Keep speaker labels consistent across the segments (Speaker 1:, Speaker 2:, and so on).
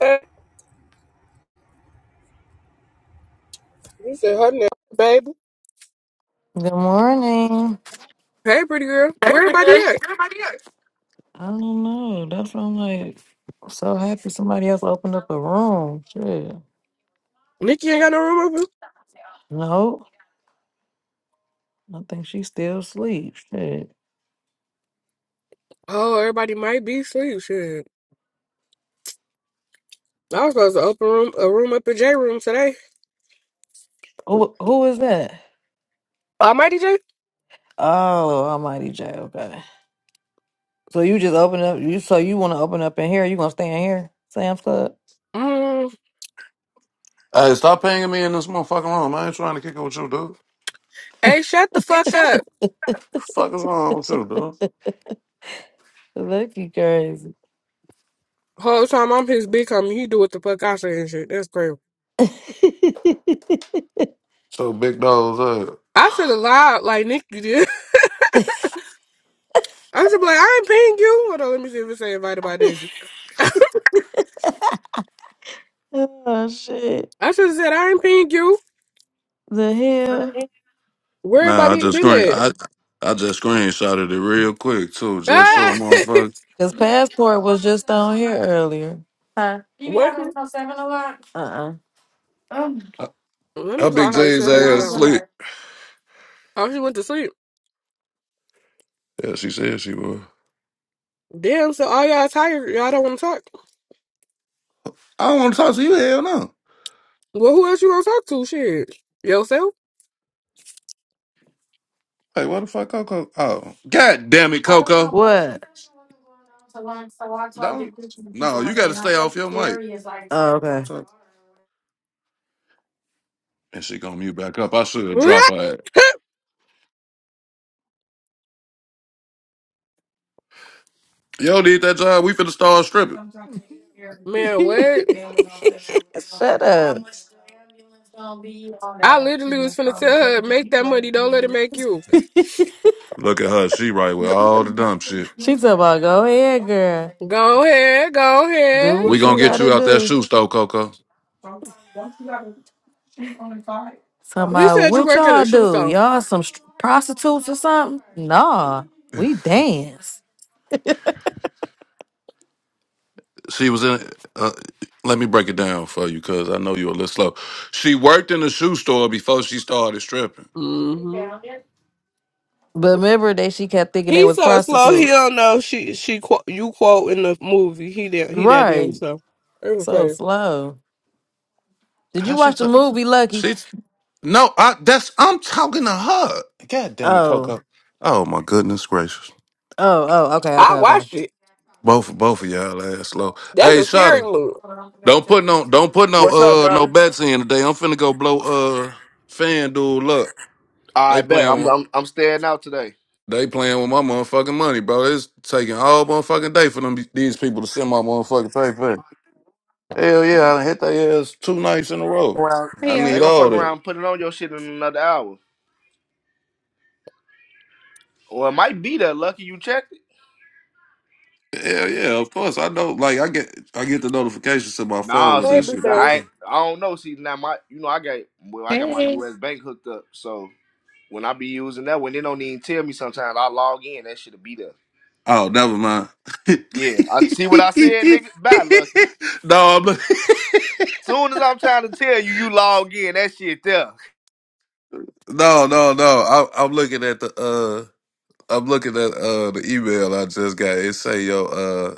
Speaker 1: Hey, He said, her name, baby.
Speaker 2: Good morning.
Speaker 1: Hey, pretty girl. Where everybody at?
Speaker 2: I don't know. That's why I'm like so happy somebody else opened up a room. Shit.
Speaker 1: Nikki ain't got no room open.
Speaker 2: No, I think she still sleeps. Shit.
Speaker 1: Oh, everybody might be asleep. Shit. I was supposed to open room, a room up in J room today.
Speaker 2: Who who is that?
Speaker 1: Almighty J?
Speaker 2: Oh, Almighty J. Okay. So you just open up. You so you want to open up in here? You gonna stay in here, Sam's Club?
Speaker 1: Mm.
Speaker 3: Hey, stop pinging me in this motherfucking room. I ain't trying to kick it with you, dude.
Speaker 1: Hey, shut the
Speaker 3: Hey,
Speaker 1: fuck
Speaker 3: shut the
Speaker 1: up.
Speaker 3: fuck is wrong with you, dude?
Speaker 2: Look, you crazy.
Speaker 1: Whole time I'm his big homie, he do what the fuck I say and shit. That's crazy.
Speaker 3: So big dogs up.
Speaker 1: I should have lied like Nikki did. I should be like, I ain't paying you. Hold on, let me see if it say invited by Daisy.
Speaker 2: oh shit.
Speaker 1: I should have said, I ain't paying you.
Speaker 2: The hell?
Speaker 1: Where
Speaker 3: Nah, I
Speaker 1: everybody
Speaker 3: just
Speaker 1: been
Speaker 3: screen
Speaker 1: at?
Speaker 3: I I just screenshotted it real quick too, just so
Speaker 1: Ah!
Speaker 3: motherfucker.
Speaker 2: Because passport was just on here earlier.
Speaker 1: what?
Speaker 2: Uh-uh.
Speaker 3: uh,
Speaker 1: Let
Speaker 3: Her
Speaker 1: me call
Speaker 3: big
Speaker 1: her and
Speaker 3: J's
Speaker 1: tell her to get
Speaker 3: ass
Speaker 1: on.
Speaker 3: slick.
Speaker 1: Oh, she went to sleep.
Speaker 3: Yeah, she said she was.
Speaker 1: Damn, so all y'all tired. Y'all don't want to talk.
Speaker 3: I don't want to talk to you, hell no.
Speaker 1: Well, who else you gonna talk to? Shit, yourself.
Speaker 3: Hey, what the fuck, Coco? Oh, god damn it, Coco! Don't. No, you got to stay off your mic. And she gonna mute back up. I should drop her. Ass. Yo, did that job. We finna start stripping.
Speaker 1: Man, what? I literally was finna tell her, make that money. Don't let it make you.
Speaker 3: Look at her. She right with all the dumb shit.
Speaker 2: talking about go ahead, girl. like,
Speaker 1: Go ahead, go ahead.
Speaker 2: Do
Speaker 3: We
Speaker 2: what you
Speaker 3: gonna get
Speaker 1: Shit.
Speaker 2: gotta
Speaker 3: you out that
Speaker 2: do.
Speaker 3: shoe store, Coco.
Speaker 2: Talking Okay.
Speaker 1: He
Speaker 2: about
Speaker 1: said you
Speaker 2: what
Speaker 1: work at
Speaker 2: y'all
Speaker 1: a shoe
Speaker 2: do?
Speaker 1: store.
Speaker 2: Y'all some str- prostitutes or something? Nah, we dance.
Speaker 3: She was in. Uh, let me break it down for you, cause I know you a little slow. She worked in the shoe store before she started stripping.
Speaker 1: hmm
Speaker 2: But remember that she kept thinking they
Speaker 1: He
Speaker 2: was
Speaker 1: so slow. He
Speaker 2: prostitutes.
Speaker 1: don't know she she quote you quote in the movie. He did he that damn
Speaker 2: Right.
Speaker 1: so. It was
Speaker 2: So
Speaker 1: crazy.
Speaker 2: slow. Did you
Speaker 3: How she
Speaker 2: watch the
Speaker 3: took?
Speaker 2: movie Lucky?
Speaker 3: She's no. I that's. I'm talking to her. God damn it,
Speaker 2: Oh.
Speaker 3: Coco. Oh my goodness gracious.
Speaker 2: Oh, oh, okay, okay,
Speaker 1: I
Speaker 2: okay.
Speaker 1: watched it.
Speaker 3: Both both of y'all ass slow.
Speaker 1: That's
Speaker 3: Hey,
Speaker 1: a scary
Speaker 3: Shotta,
Speaker 1: movie.
Speaker 3: don't put no don't put no
Speaker 4: What's up,
Speaker 3: uh no
Speaker 4: brother?
Speaker 3: bets in today. I'm finna go blow uh FanDuel up. They
Speaker 4: I bet I'm
Speaker 3: playing.
Speaker 4: I'm, I'm staying out today.
Speaker 3: They playing with my motherfucking money, bro. It's taking all motherfucking day for them these people to send my motherfucking pay for it. Hell yeah, I done hit their ass two nights in a row.
Speaker 4: Well,
Speaker 3: I
Speaker 5: Hey
Speaker 4: they
Speaker 5: y'all.
Speaker 3: need
Speaker 4: gonna fuck
Speaker 3: all that.
Speaker 4: around and put it on your shit in another hour, or it might be that lucky you checked it.
Speaker 3: Hell yeah, of course. I know like I get I get the notifications to my phone
Speaker 4: Nah,
Speaker 3: when
Speaker 4: see,
Speaker 3: that shit comes
Speaker 1: Everything.
Speaker 4: I ain't-
Speaker 3: through.
Speaker 4: I don't know. See now my you know I got well I got my
Speaker 5: Hey.
Speaker 4: U.S. bank hooked up, so when I be using that, when they don't even tell me sometimes I log in, that shit'll be there.
Speaker 3: Oh, never mind.
Speaker 4: Yeah, I see what I said, nigga. Bye, lucky.
Speaker 3: no, I'm look-
Speaker 4: Soon as I'm trying to tell you, you log in. That shit there.
Speaker 3: no, no, no. I I'm looking at the uh I'm looking at uh the email I just got. It say yo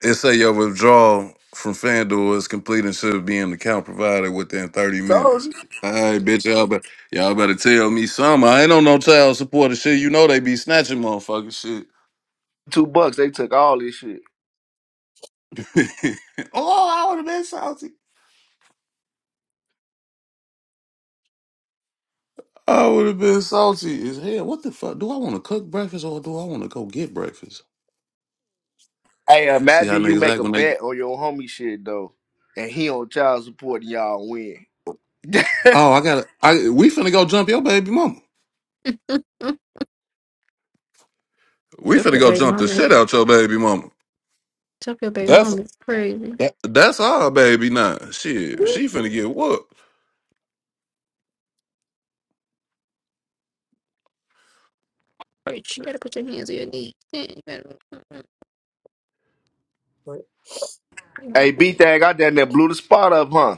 Speaker 3: It say your withdrawal from FanDuel is complete and should be in the account provided within 30
Speaker 4: Told
Speaker 3: minutes.
Speaker 4: you.
Speaker 3: All right, bitch, y'all better, y'all better tell me some. I ain't on no child support or shit. You know they be snatching motherfucking shit.
Speaker 4: Two bucks. They took all this shit.
Speaker 3: oh, I would have been salty. I would have been salty as hell. What the fuck? Do I want to cook breakfast or do I want to go get breakfast?
Speaker 4: Hey,
Speaker 3: See how
Speaker 4: imagine you
Speaker 3: niggas
Speaker 4: make
Speaker 3: act
Speaker 4: a
Speaker 3: when they.
Speaker 4: bet on your homie shit though, and he on child support and y'all win.
Speaker 3: Oh, I gotta. I we finna go jump your baby mama.
Speaker 5: Mm,
Speaker 3: We
Speaker 5: Jump
Speaker 3: finna
Speaker 5: your
Speaker 3: go
Speaker 5: baby
Speaker 3: jump the
Speaker 5: mama.
Speaker 3: shit out your baby mama.
Speaker 5: Jump your baby
Speaker 3: That's
Speaker 5: mama. It's crazy.
Speaker 3: That, that's all, baby Nah, Shit,
Speaker 5: All
Speaker 3: she finna get whooped.
Speaker 5: Right, you gotta put your hands on your knees. Yeah, You gotta, mm, mm,
Speaker 4: hey,
Speaker 5: you
Speaker 4: B thing, I down there blew the spot up, huh?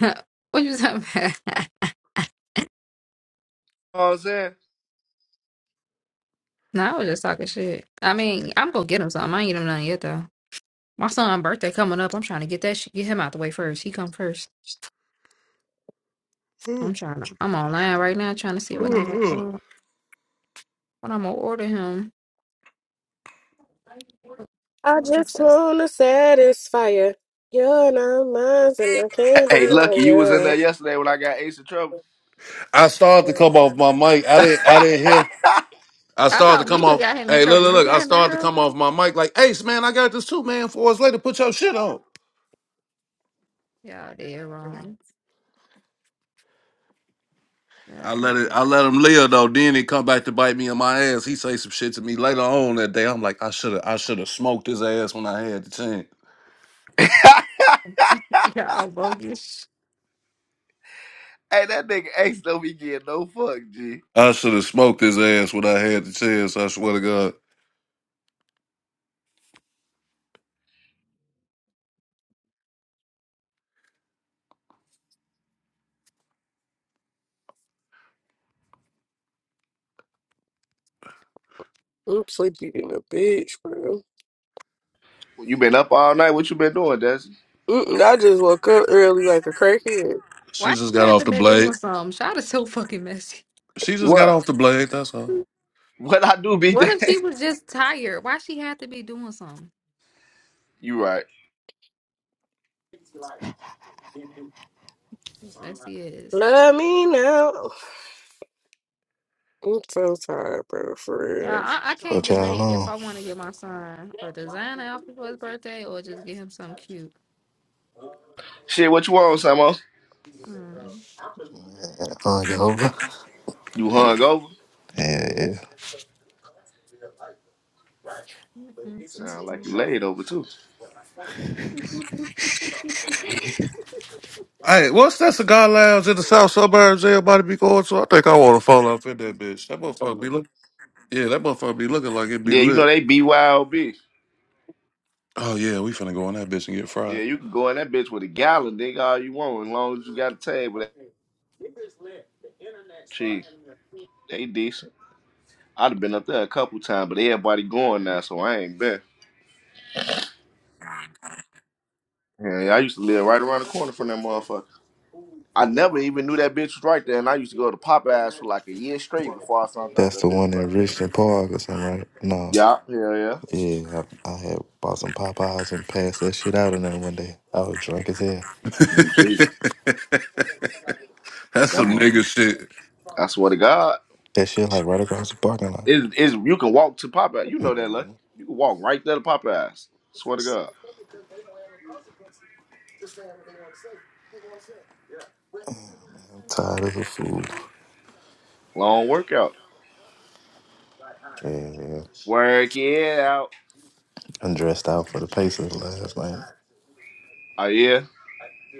Speaker 5: gotta- what you talking about?
Speaker 4: You know what I'm saying?
Speaker 5: nah, I was just talking shit. I mean, I'm gonna get him something. I ain't get him nothing yet though. My son's birthday coming up. I'm trying to get that shit, get him out the way first. He come first. I'm trying to. I'm online right now trying to see what I'm gonna order- what I'm gonna order him. What
Speaker 1: I
Speaker 5: was your
Speaker 1: just
Speaker 5: sense?
Speaker 1: wanna satisfy you. You're not mine, and I can't
Speaker 4: Hey,
Speaker 1: deny
Speaker 4: lucky you was in there
Speaker 1: you.
Speaker 4: yesterday when I got Ace in trouble.
Speaker 3: I started to come off my mic. I didn't. I didn't hear. I
Speaker 5: I
Speaker 3: started to
Speaker 5: thought
Speaker 3: come
Speaker 5: Mika
Speaker 3: off.
Speaker 5: got him in
Speaker 3: Hey, look,
Speaker 5: trouble.
Speaker 3: look,
Speaker 5: You
Speaker 3: look. I
Speaker 5: got him in
Speaker 3: started to come
Speaker 5: trouble?
Speaker 3: off my mic like, Ace, man, I got this too, man. Four hours later, put your shit on.
Speaker 5: Y'all did wrong.
Speaker 3: I let
Speaker 5: God,
Speaker 3: it. I let him live though. Then he come back to bite me in my ass. He say some shit to me later on that day. I'm like, I should have. I should have smoked his ass when I had the chance.
Speaker 5: Y'all bogus.
Speaker 4: Hey, that nigga Ace don't be getting no fuck, G.
Speaker 3: I should have smoked his ass when I had the chance. I swear to God.
Speaker 1: I'm sleepy in a bitch, bro.
Speaker 4: You been up all night? What you been doing, Desi?
Speaker 1: Mm-mm, I just woke up early like a crackhead.
Speaker 3: She
Speaker 5: Why
Speaker 3: just
Speaker 5: she
Speaker 3: got
Speaker 5: had
Speaker 3: off
Speaker 5: to
Speaker 3: the
Speaker 5: be doing
Speaker 3: blade.
Speaker 5: something? Shot is so fucking messy.
Speaker 3: She just got
Speaker 4: What?
Speaker 3: off the blade. That's all.
Speaker 4: What I do, B
Speaker 5: What
Speaker 4: thing?
Speaker 5: if she was just tired? Why she had to be doing something?
Speaker 4: you right.
Speaker 5: Messy is.
Speaker 1: Love me now. I'm so tired, bro. For
Speaker 5: Yeah,
Speaker 1: real.
Speaker 5: I, I can't
Speaker 6: What y'all
Speaker 5: debate if
Speaker 6: on?
Speaker 5: I want to get my son a designer outfit for his birthday or just get him something cute.
Speaker 4: Shit, what you want, Samo?
Speaker 5: Hmm.
Speaker 6: On Jehovah?
Speaker 4: You hung over?
Speaker 6: Yeah, yeah.
Speaker 5: Mm, mm,
Speaker 4: Sound like you
Speaker 5: mm,
Speaker 4: laid over too.
Speaker 5: mm.
Speaker 3: Hey, what's that cigar lounge in the South Suburbs everybody be going to? I think I want to fall off in that bitch. That motherfucker be look. Yeah, that motherfucker be looking like it be
Speaker 4: Yeah, you know
Speaker 3: lit.
Speaker 4: they BYOB.
Speaker 3: Oh yeah, we finna go on that bitch and get
Speaker 4: Yeah,
Speaker 3: fried.
Speaker 4: you can go in that bitch with a gallon, nigga, all you want, as long as you got a tag with that cheese. They decent. I'd have been up there a couple times, but everybody going now, so I ain't been. Yeah, I used to live right around the corner from that motherfucker. I never even knew that bitch was right there, and I used to go to Popeyes for like a year straight before I found out
Speaker 6: That's
Speaker 4: that
Speaker 6: the
Speaker 4: bitch
Speaker 6: one
Speaker 4: was
Speaker 6: in
Speaker 4: right there.
Speaker 6: Richmond Park or something, right? No.
Speaker 4: Yeah, yeah, yeah.
Speaker 6: Yeah, I, I had bought some Popeyes and passed that shit out in there one day. I was drunk as hell.
Speaker 4: Mm, gee,
Speaker 3: That's
Speaker 4: that
Speaker 3: some
Speaker 4: mother.
Speaker 3: nigga shit.
Speaker 4: I swear to God,
Speaker 6: That shit like right across the parking lot.
Speaker 4: is is you can walk to Popeyes. You know that, lucky. You can walk right there to Popeyes. Swear to God,
Speaker 6: I'm tired as a fool.
Speaker 4: long workout.
Speaker 6: Yeah, yeah.
Speaker 4: Work it out.
Speaker 6: I'm dressed out for the Pacers last night.
Speaker 4: Oh yeah.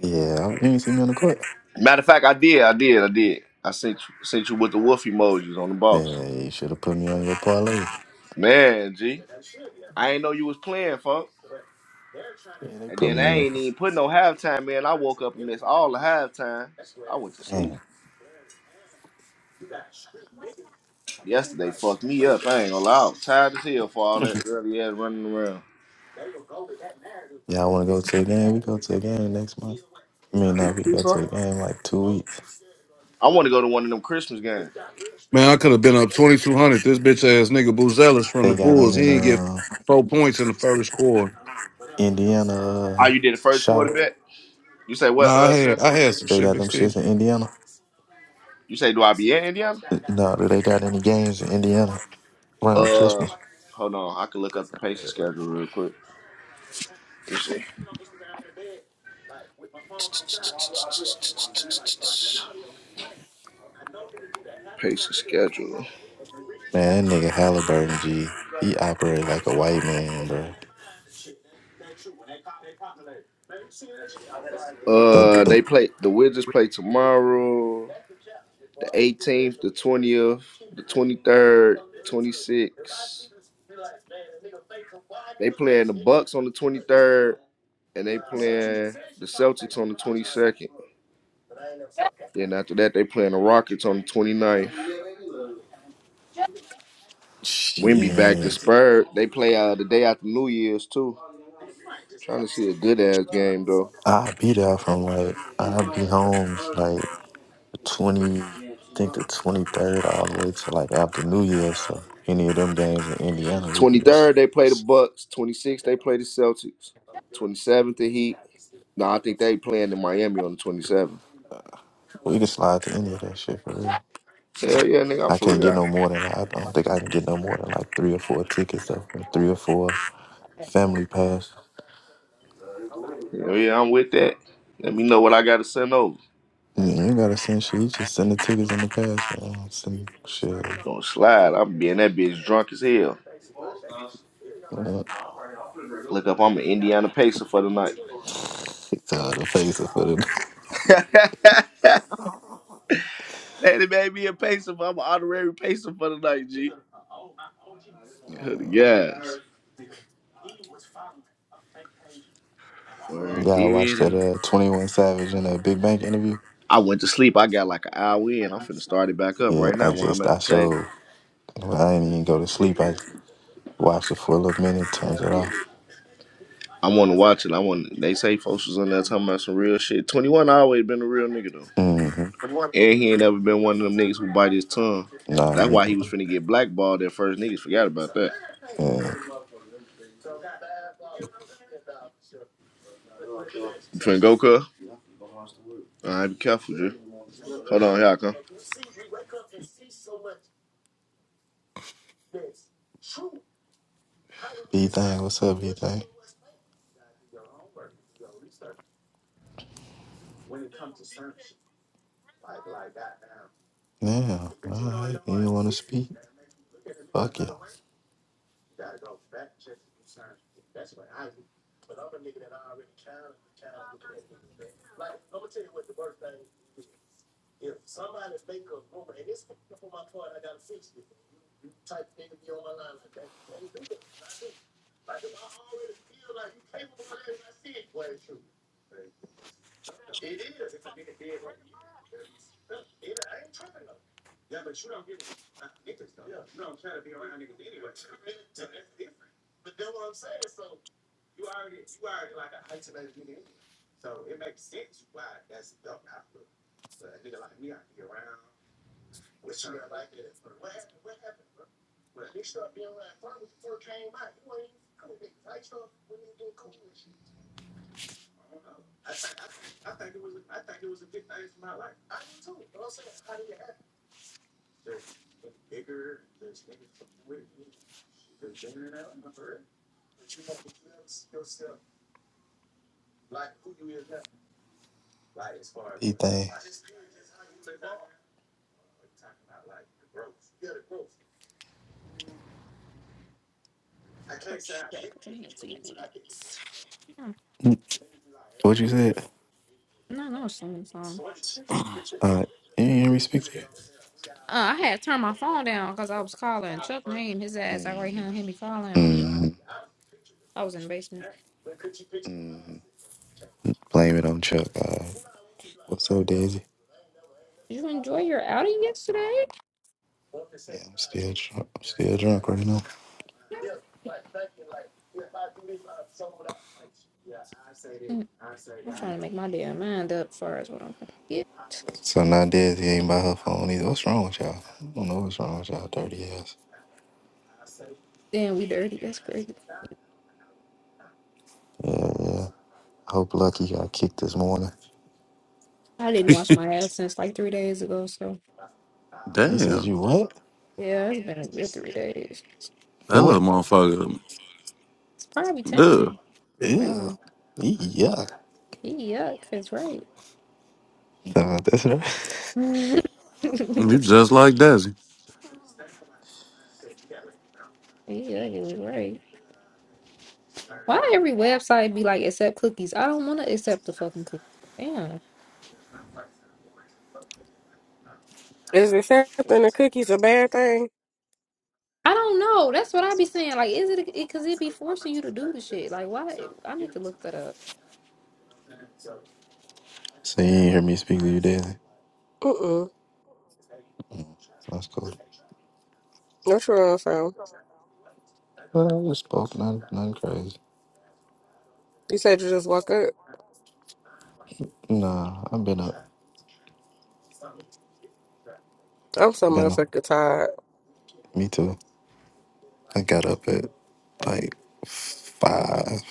Speaker 6: Yeah, I- you ain't see me on the court.
Speaker 4: Matter of fact, I did, I did, I did. I sent you, sent you with the wolf emojis on the boss.
Speaker 6: Yeah, you should have put me on your parlay.
Speaker 4: Man, G, I ain't know you was playing, fuck.
Speaker 6: Yeah, they
Speaker 4: And
Speaker 6: put
Speaker 4: then I
Speaker 6: me in.
Speaker 4: ain't even put no halftime in. I woke up and missed all the halftimes. I went to sleep.
Speaker 6: Damn.
Speaker 4: Yesterday fucked me up. I ain't gonna lie. I was tired as hell for all that early ass running around.
Speaker 6: Y'all want to go to a game? We go to a game next month. I mean,
Speaker 4: You
Speaker 6: no, we
Speaker 4: see,
Speaker 6: go to
Speaker 4: fuck?
Speaker 6: a game like two weeks.
Speaker 4: I want to go to one of them Christmas games.
Speaker 3: Man, I could have been up twenty two hundred. This bitch ass nigga Boozelis from the
Speaker 6: They got them
Speaker 3: Bulls.
Speaker 6: in
Speaker 3: He ain't get
Speaker 6: uh
Speaker 3: four points in the first quarter.
Speaker 6: Indiana.
Speaker 4: Oh,
Speaker 6: Uh,
Speaker 4: you did the first
Speaker 6: Shotter.
Speaker 4: quarterback? You say what,
Speaker 3: Nah, I
Speaker 4: uh,
Speaker 3: had
Speaker 4: sir?
Speaker 3: I had some
Speaker 6: They
Speaker 3: shit,
Speaker 6: got them
Speaker 3: big
Speaker 6: shits
Speaker 3: kid.
Speaker 6: in Indiana.
Speaker 4: You say, do I be in Indiana?
Speaker 6: No, do they got any games in Indiana around
Speaker 4: Uh,
Speaker 6: Christmas?
Speaker 4: hold on. I can look up the Pacers schedule real quick. Let me see. Pace the schedule.
Speaker 6: Man, that nigga Halliburton G, he operate like a white man, bro.
Speaker 4: Uh,
Speaker 6: The, the
Speaker 4: they play the Wizards play tomorrow, the 18th, the 20th, the 23rd, 26th. They playing the Bucks on the 23rd, and they playing the Celtics on the 22nd. Then after that, they playing the Rockets on the 29th.
Speaker 5: Just- just-
Speaker 4: Wimby back to
Speaker 6: shit,
Speaker 4: Spurs. They play uh, the day after New Year's too. Trying to see a good ass game though.
Speaker 6: I'll be there from like I'll be home. like. the 20, I think the 23rd all the way to like after New Year. So any of them games in Indiana, we can just,
Speaker 4: 23rd, they play the Bucks. 26th, they play the Celtics. 27th, the Heat. No, I think they playing in Miami on the 27th.
Speaker 6: we can slide to any of that shit for real.
Speaker 4: Hell yeah, nigga, I'm
Speaker 6: I
Speaker 4: for
Speaker 6: can't get
Speaker 4: real.
Speaker 6: no more than like, I don't think I can get no more than like three or four tickets though, and three or four
Speaker 5: Yes, um,
Speaker 6: family pass.
Speaker 4: Hell yeah, I'm with that. Let me know what I gotta send over.
Speaker 6: You ain't gotta send shit. You just send the tickets in the pass. You know, send shit. Uh,
Speaker 4: Gonna slide. I'm being that bitch drunk as hell. Look up, I'm an Indiana Pacer for the night.
Speaker 6: It's hard to face of it for them.
Speaker 4: they made me a Pacer, but I'm an honorary Pacer for the night, G. Hood of gas. Word
Speaker 6: Y'all watched
Speaker 4: did.
Speaker 6: that uh, 21 Savage in a Big Bank interview?
Speaker 4: I went to sleep. I got like an hour in. I'm finna start it back up
Speaker 6: Yeah,
Speaker 4: right
Speaker 6: I
Speaker 4: now while I'm
Speaker 6: just
Speaker 4: at
Speaker 6: I
Speaker 4: the table.
Speaker 6: showed. I didn't even go to sleep. I watched it for a little minute, turned it off.
Speaker 4: I want to watch it. I want. They say folks was on there talking about some real shit. 21 always been a real nigga though.
Speaker 6: hmm
Speaker 4: And he ain't ever been one of them niggas who bite his tongue.
Speaker 6: Nah,
Speaker 4: That's
Speaker 6: yeah.
Speaker 4: why he was finna get blackballed at first. Niggas forgot about that.
Speaker 6: yeah.
Speaker 4: You finna go, cuz? All right, be careful, Drew. Hold on, y'all.
Speaker 6: B thing, what's up, B thing? Now, all right, you don't want to speak? Fuck it, B thing.
Speaker 5: but you better put your hands in your knees. Yeah.
Speaker 6: What you said?
Speaker 5: No, no, singing song.
Speaker 6: All right, you didn't hear me speak there.
Speaker 5: Uh, I had turned my phone down because I was calling Chuck name his ass. I right here and hear me calling him.
Speaker 6: Mm,
Speaker 5: I was in the basement.
Speaker 6: blame it on Chuck. All right. What's up, Daisy?
Speaker 5: Did you enjoy your outing yesterday?
Speaker 6: Yeah, I'm still drunk. I'm still drunk right now.
Speaker 5: Mm, I'm trying to make my damn mind up as far as what I'm gonna get.
Speaker 6: So nowadays he ain't by her phone either. What's wrong with y'all? I don't know what's wrong with y'all dirty ass.
Speaker 5: Damn, we dirty. That's crazy.
Speaker 6: Yeah, yeah. Hope Lucky got kicked this morning.
Speaker 5: I didn't wash my ass since like three days ago, so
Speaker 6: He says
Speaker 3: Damn,
Speaker 6: you what?
Speaker 5: yeah, it's been a good three days.
Speaker 3: that
Speaker 6: For
Speaker 3: little
Speaker 6: what?
Speaker 3: motherfucker.
Speaker 5: It's probably
Speaker 3: Ugh.
Speaker 5: tangy.
Speaker 6: Ew.
Speaker 5: Wow,
Speaker 6: Eee, Yeah.
Speaker 5: he yuck. That's right.
Speaker 6: Nah, that's right.
Speaker 5: he yuck
Speaker 3: You just like that.
Speaker 5: is right. Why every website be like accept cookies? I don't want to accept the fucking cookies.
Speaker 1: Is accepting the cookies a bad thing?
Speaker 5: I don't know. That's what I be saying. Like, is it because it, be forcing you to do the shit? Like, why? I need to look that up.
Speaker 6: So you
Speaker 5: Oh,
Speaker 6: ain't hear me speak to you daily.
Speaker 1: Mm-mm.
Speaker 6: That's cool.
Speaker 1: What's wrong, fam?
Speaker 6: Well, I just spoke nothing, nothing crazy.
Speaker 1: You said you just woke up.
Speaker 6: Nah, I've been up.
Speaker 1: I'm so
Speaker 6: I've been up.
Speaker 1: motherfucking tired.
Speaker 6: Me too. I got up at like five.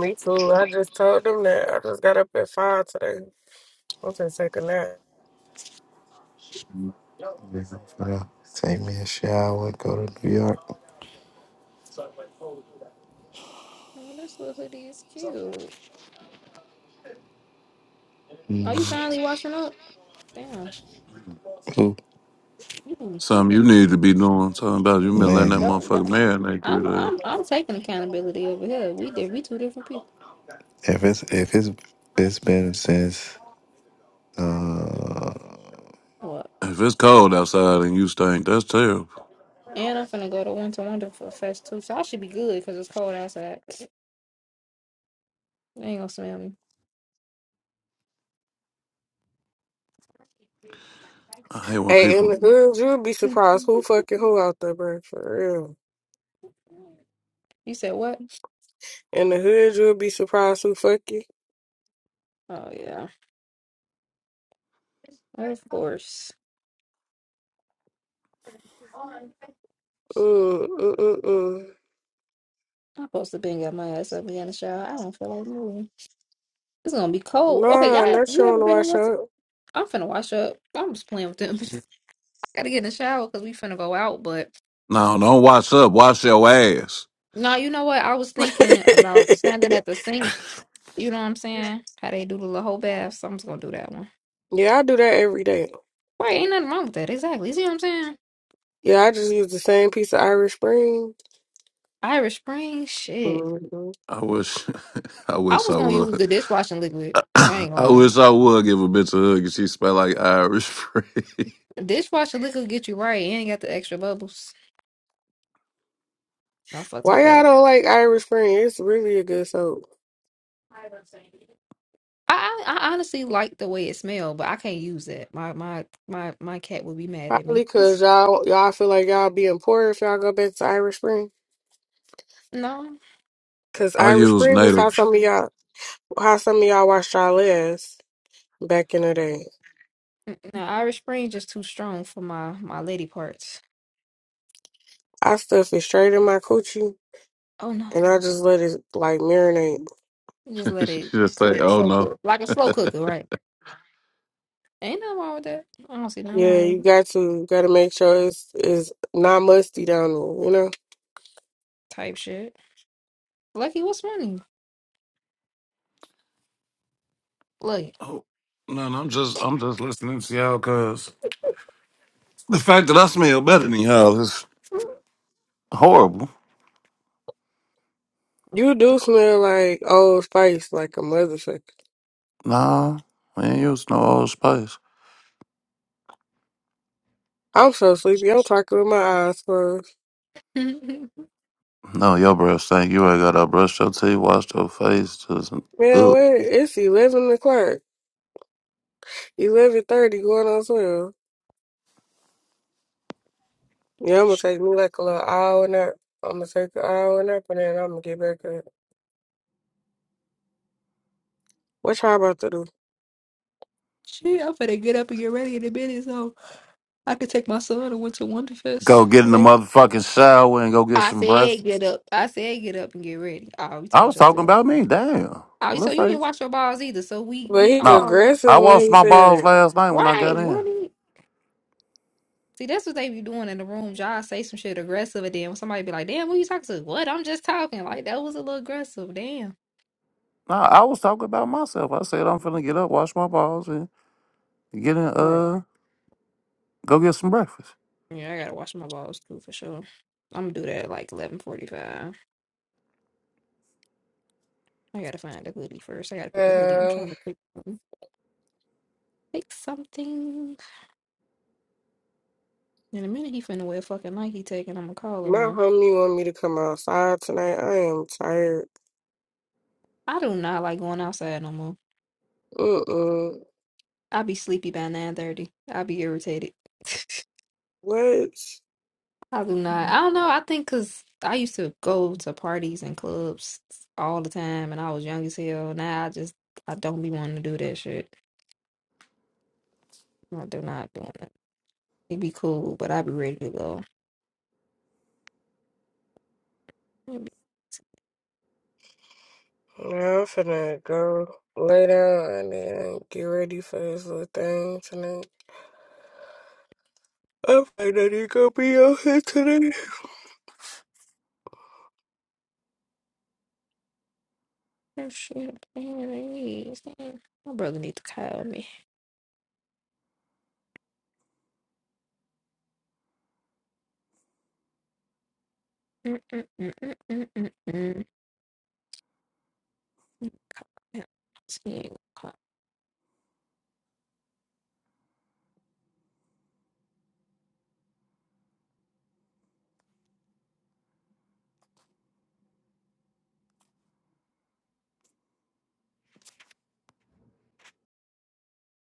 Speaker 1: Me too. I just told them that. I just got up at five today. I'm gonna take a nap.
Speaker 6: Yeah, Take me a shower, go to New York.
Speaker 5: this little hoodie is cute. Are you finally washing up? Damn,
Speaker 6: Ooh,
Speaker 5: you
Speaker 3: Something you need to be doing. Something about you been
Speaker 5: but
Speaker 3: letting that
Speaker 6: man,
Speaker 5: don't.
Speaker 3: motherfucker
Speaker 5: don't-
Speaker 3: marinate three
Speaker 5: I'm
Speaker 3: days.
Speaker 5: I'm I'm taking accountability over here. We did. We two different people.
Speaker 6: if it's if it's it's been since. uh
Speaker 5: What?
Speaker 3: If it's cold outside and you stink, that's terrible.
Speaker 5: And I'm finna go to Winter Wonder for Fest too, so I should be good because it's cold outside. They ain't gonna smell me.
Speaker 3: I hate when
Speaker 1: Hey, in the
Speaker 3: people.
Speaker 1: hood, you'll be surprised who fucking who out there, bro. For real.
Speaker 5: You said what?
Speaker 1: In the hood, you'll be surprised who fucking.
Speaker 5: Oh yeah, of course.
Speaker 1: Mm, mm, mm, mm.
Speaker 5: I'm supposed to been got my ass up and get in the shower. I don't feel like moving. It's gonna be cold. Okay,
Speaker 1: Nah,
Speaker 5: y'all, have,
Speaker 1: not
Speaker 5: you
Speaker 1: showing
Speaker 5: ever
Speaker 1: to
Speaker 5: been in
Speaker 1: wash
Speaker 5: winter?
Speaker 1: up.
Speaker 5: I'm finna wash up. I'm just playing with them. I gotta get in the shower because we finna go out. But
Speaker 3: No, don't wash up. Wash your ass.
Speaker 5: no, you know what? I was thinking about standing at the sink. You know what I'm saying? How they do the little whole bath. So I'm just gonna do that one.
Speaker 1: yeah, I do that every day.
Speaker 5: Right? Ain't nothing wrong with that. Exactly. You see what I'm saying?
Speaker 1: Yeah, I just use the same piece of Irish Spring.
Speaker 5: Irish Spring. Shit.
Speaker 1: Mhm.
Speaker 3: I wish. I
Speaker 5: I
Speaker 3: wish
Speaker 5: was
Speaker 3: I
Speaker 5: gonna use
Speaker 3: would.
Speaker 5: the dishwashing liquid. I ain't
Speaker 3: I
Speaker 5: gonna
Speaker 3: wish I would give a bitch a hug and she smell like Irish free.
Speaker 5: lie. Dishwashing liquid get you right. You ain't got the extra bubbles. I fucks with
Speaker 1: Why
Speaker 5: that.
Speaker 1: y'all don't like Irish Spring? It's really a good soap.
Speaker 5: I I I honestly like the way it smelled, but I can't use it. My my my my cat would be mad at
Speaker 1: Probably
Speaker 5: me.
Speaker 1: cause y'all y'all feel like y'all being poor if y'all go back to Irish Spring.
Speaker 5: No,
Speaker 1: Cause
Speaker 3: I
Speaker 1: Irish
Speaker 3: use
Speaker 1: Spring was how
Speaker 3: native.
Speaker 1: some of y'all how some of y'all washed y'all ass back in the day.
Speaker 5: mm, no, Irish Spring just too strong for my my lady parts.
Speaker 1: I stuff it straight in my coochie
Speaker 5: Oh no,
Speaker 1: and I just let it like marinate.
Speaker 5: You just let
Speaker 3: she
Speaker 5: it
Speaker 3: just say,
Speaker 5: cook,
Speaker 3: "Oh
Speaker 5: slow
Speaker 3: no."
Speaker 5: cook, like a slow cooker, right? Ain't nothing wrong with that. I don't see nothing
Speaker 1: Yeah,
Speaker 5: wrong with
Speaker 1: you
Speaker 5: that
Speaker 1: got to you gotta make sure it's it's not musty down there, you know?
Speaker 5: type shit. Lucky, what's money? Look,
Speaker 3: Oh no, no, I'm just, I'm just listening to y'all because the fact that I smell better than y'all is horrible.
Speaker 1: You do smell like old spice, like a motherfucker.
Speaker 3: Nah, we ain't use no old spice.
Speaker 1: I'm so sleepy, I'm talking with my eyes closed.
Speaker 3: No, your breath stink. You ain't got to brush your teeth, wash your face. Just,
Speaker 1: Man,
Speaker 3: ugh.
Speaker 1: what? It's eleven o'clock. Eleven thirty going on twelve. Yeah, I'm gonna
Speaker 5: shit,
Speaker 1: take me like a little hour nap. I'm gonna take an hour nap and then I'm gonna get back up. What y'all about to do?
Speaker 5: I'm finna get up and get ready in a minute, so I could take my son to Winter
Speaker 3: Go
Speaker 5: Wonderfest.
Speaker 3: get in the
Speaker 5: today.
Speaker 3: motherfucking shower and go get
Speaker 5: I
Speaker 3: some
Speaker 5: said
Speaker 3: breakfast.
Speaker 5: get up. I said get up and get ready. Oh, you talking
Speaker 3: I was
Speaker 5: about
Speaker 3: talking
Speaker 5: yourself.
Speaker 3: about me. Damn.
Speaker 5: Oh,
Speaker 3: let
Speaker 5: so
Speaker 3: like
Speaker 5: you didn't wash your balls either. So we
Speaker 1: But
Speaker 5: we
Speaker 1: he's
Speaker 3: No,
Speaker 5: all
Speaker 3: I
Speaker 1: aggressive when
Speaker 3: washed
Speaker 1: he
Speaker 3: my
Speaker 1: said
Speaker 3: balls
Speaker 1: it.
Speaker 3: last night when I got
Speaker 5: right,
Speaker 3: in.
Speaker 5: running. See, that's what they be doing in the rooms. Y'all say some shit aggressive and then when somebody be like, damn, who you talking to? What? I'm just talking. Like that was a little aggressive. Damn.
Speaker 3: No, I was talking about myself. I said I'm finna get up, wash my balls, and get in,
Speaker 5: Right.
Speaker 3: uh, go get some breakfast.
Speaker 5: Yeah, I gotta wash my balls too for sure. I'm gonna do that at like eleven forty five. I gotta find a hoodie first. I gotta pick a hoodie. I'm
Speaker 1: Um,
Speaker 5: trying to pick something. Pick something. In a minute he finna wear fucking Nike tech and I'm gonna call it
Speaker 1: My
Speaker 5: one.
Speaker 1: homie want me to come outside tonight. I am tired.
Speaker 5: I do not like going outside no more.
Speaker 1: Mm-mm.
Speaker 5: I'll be sleepy by nine thirty. I'll be irritated.
Speaker 1: What?
Speaker 5: I do not. I don't know. I think because I used to go to parties and clubs all the time, and I was young as hell. Now I just I don't be wanting to do that shit. I do not want it. It'd be cool, but I'd be ready to go. it be,
Speaker 1: Now I'm finna go lay down and then get ready for this little thing tonight. I'm probably not even gonna be on here today.
Speaker 5: oh shit, please. my brother need to call me. Mm-mm-mm-mm-mm-mm.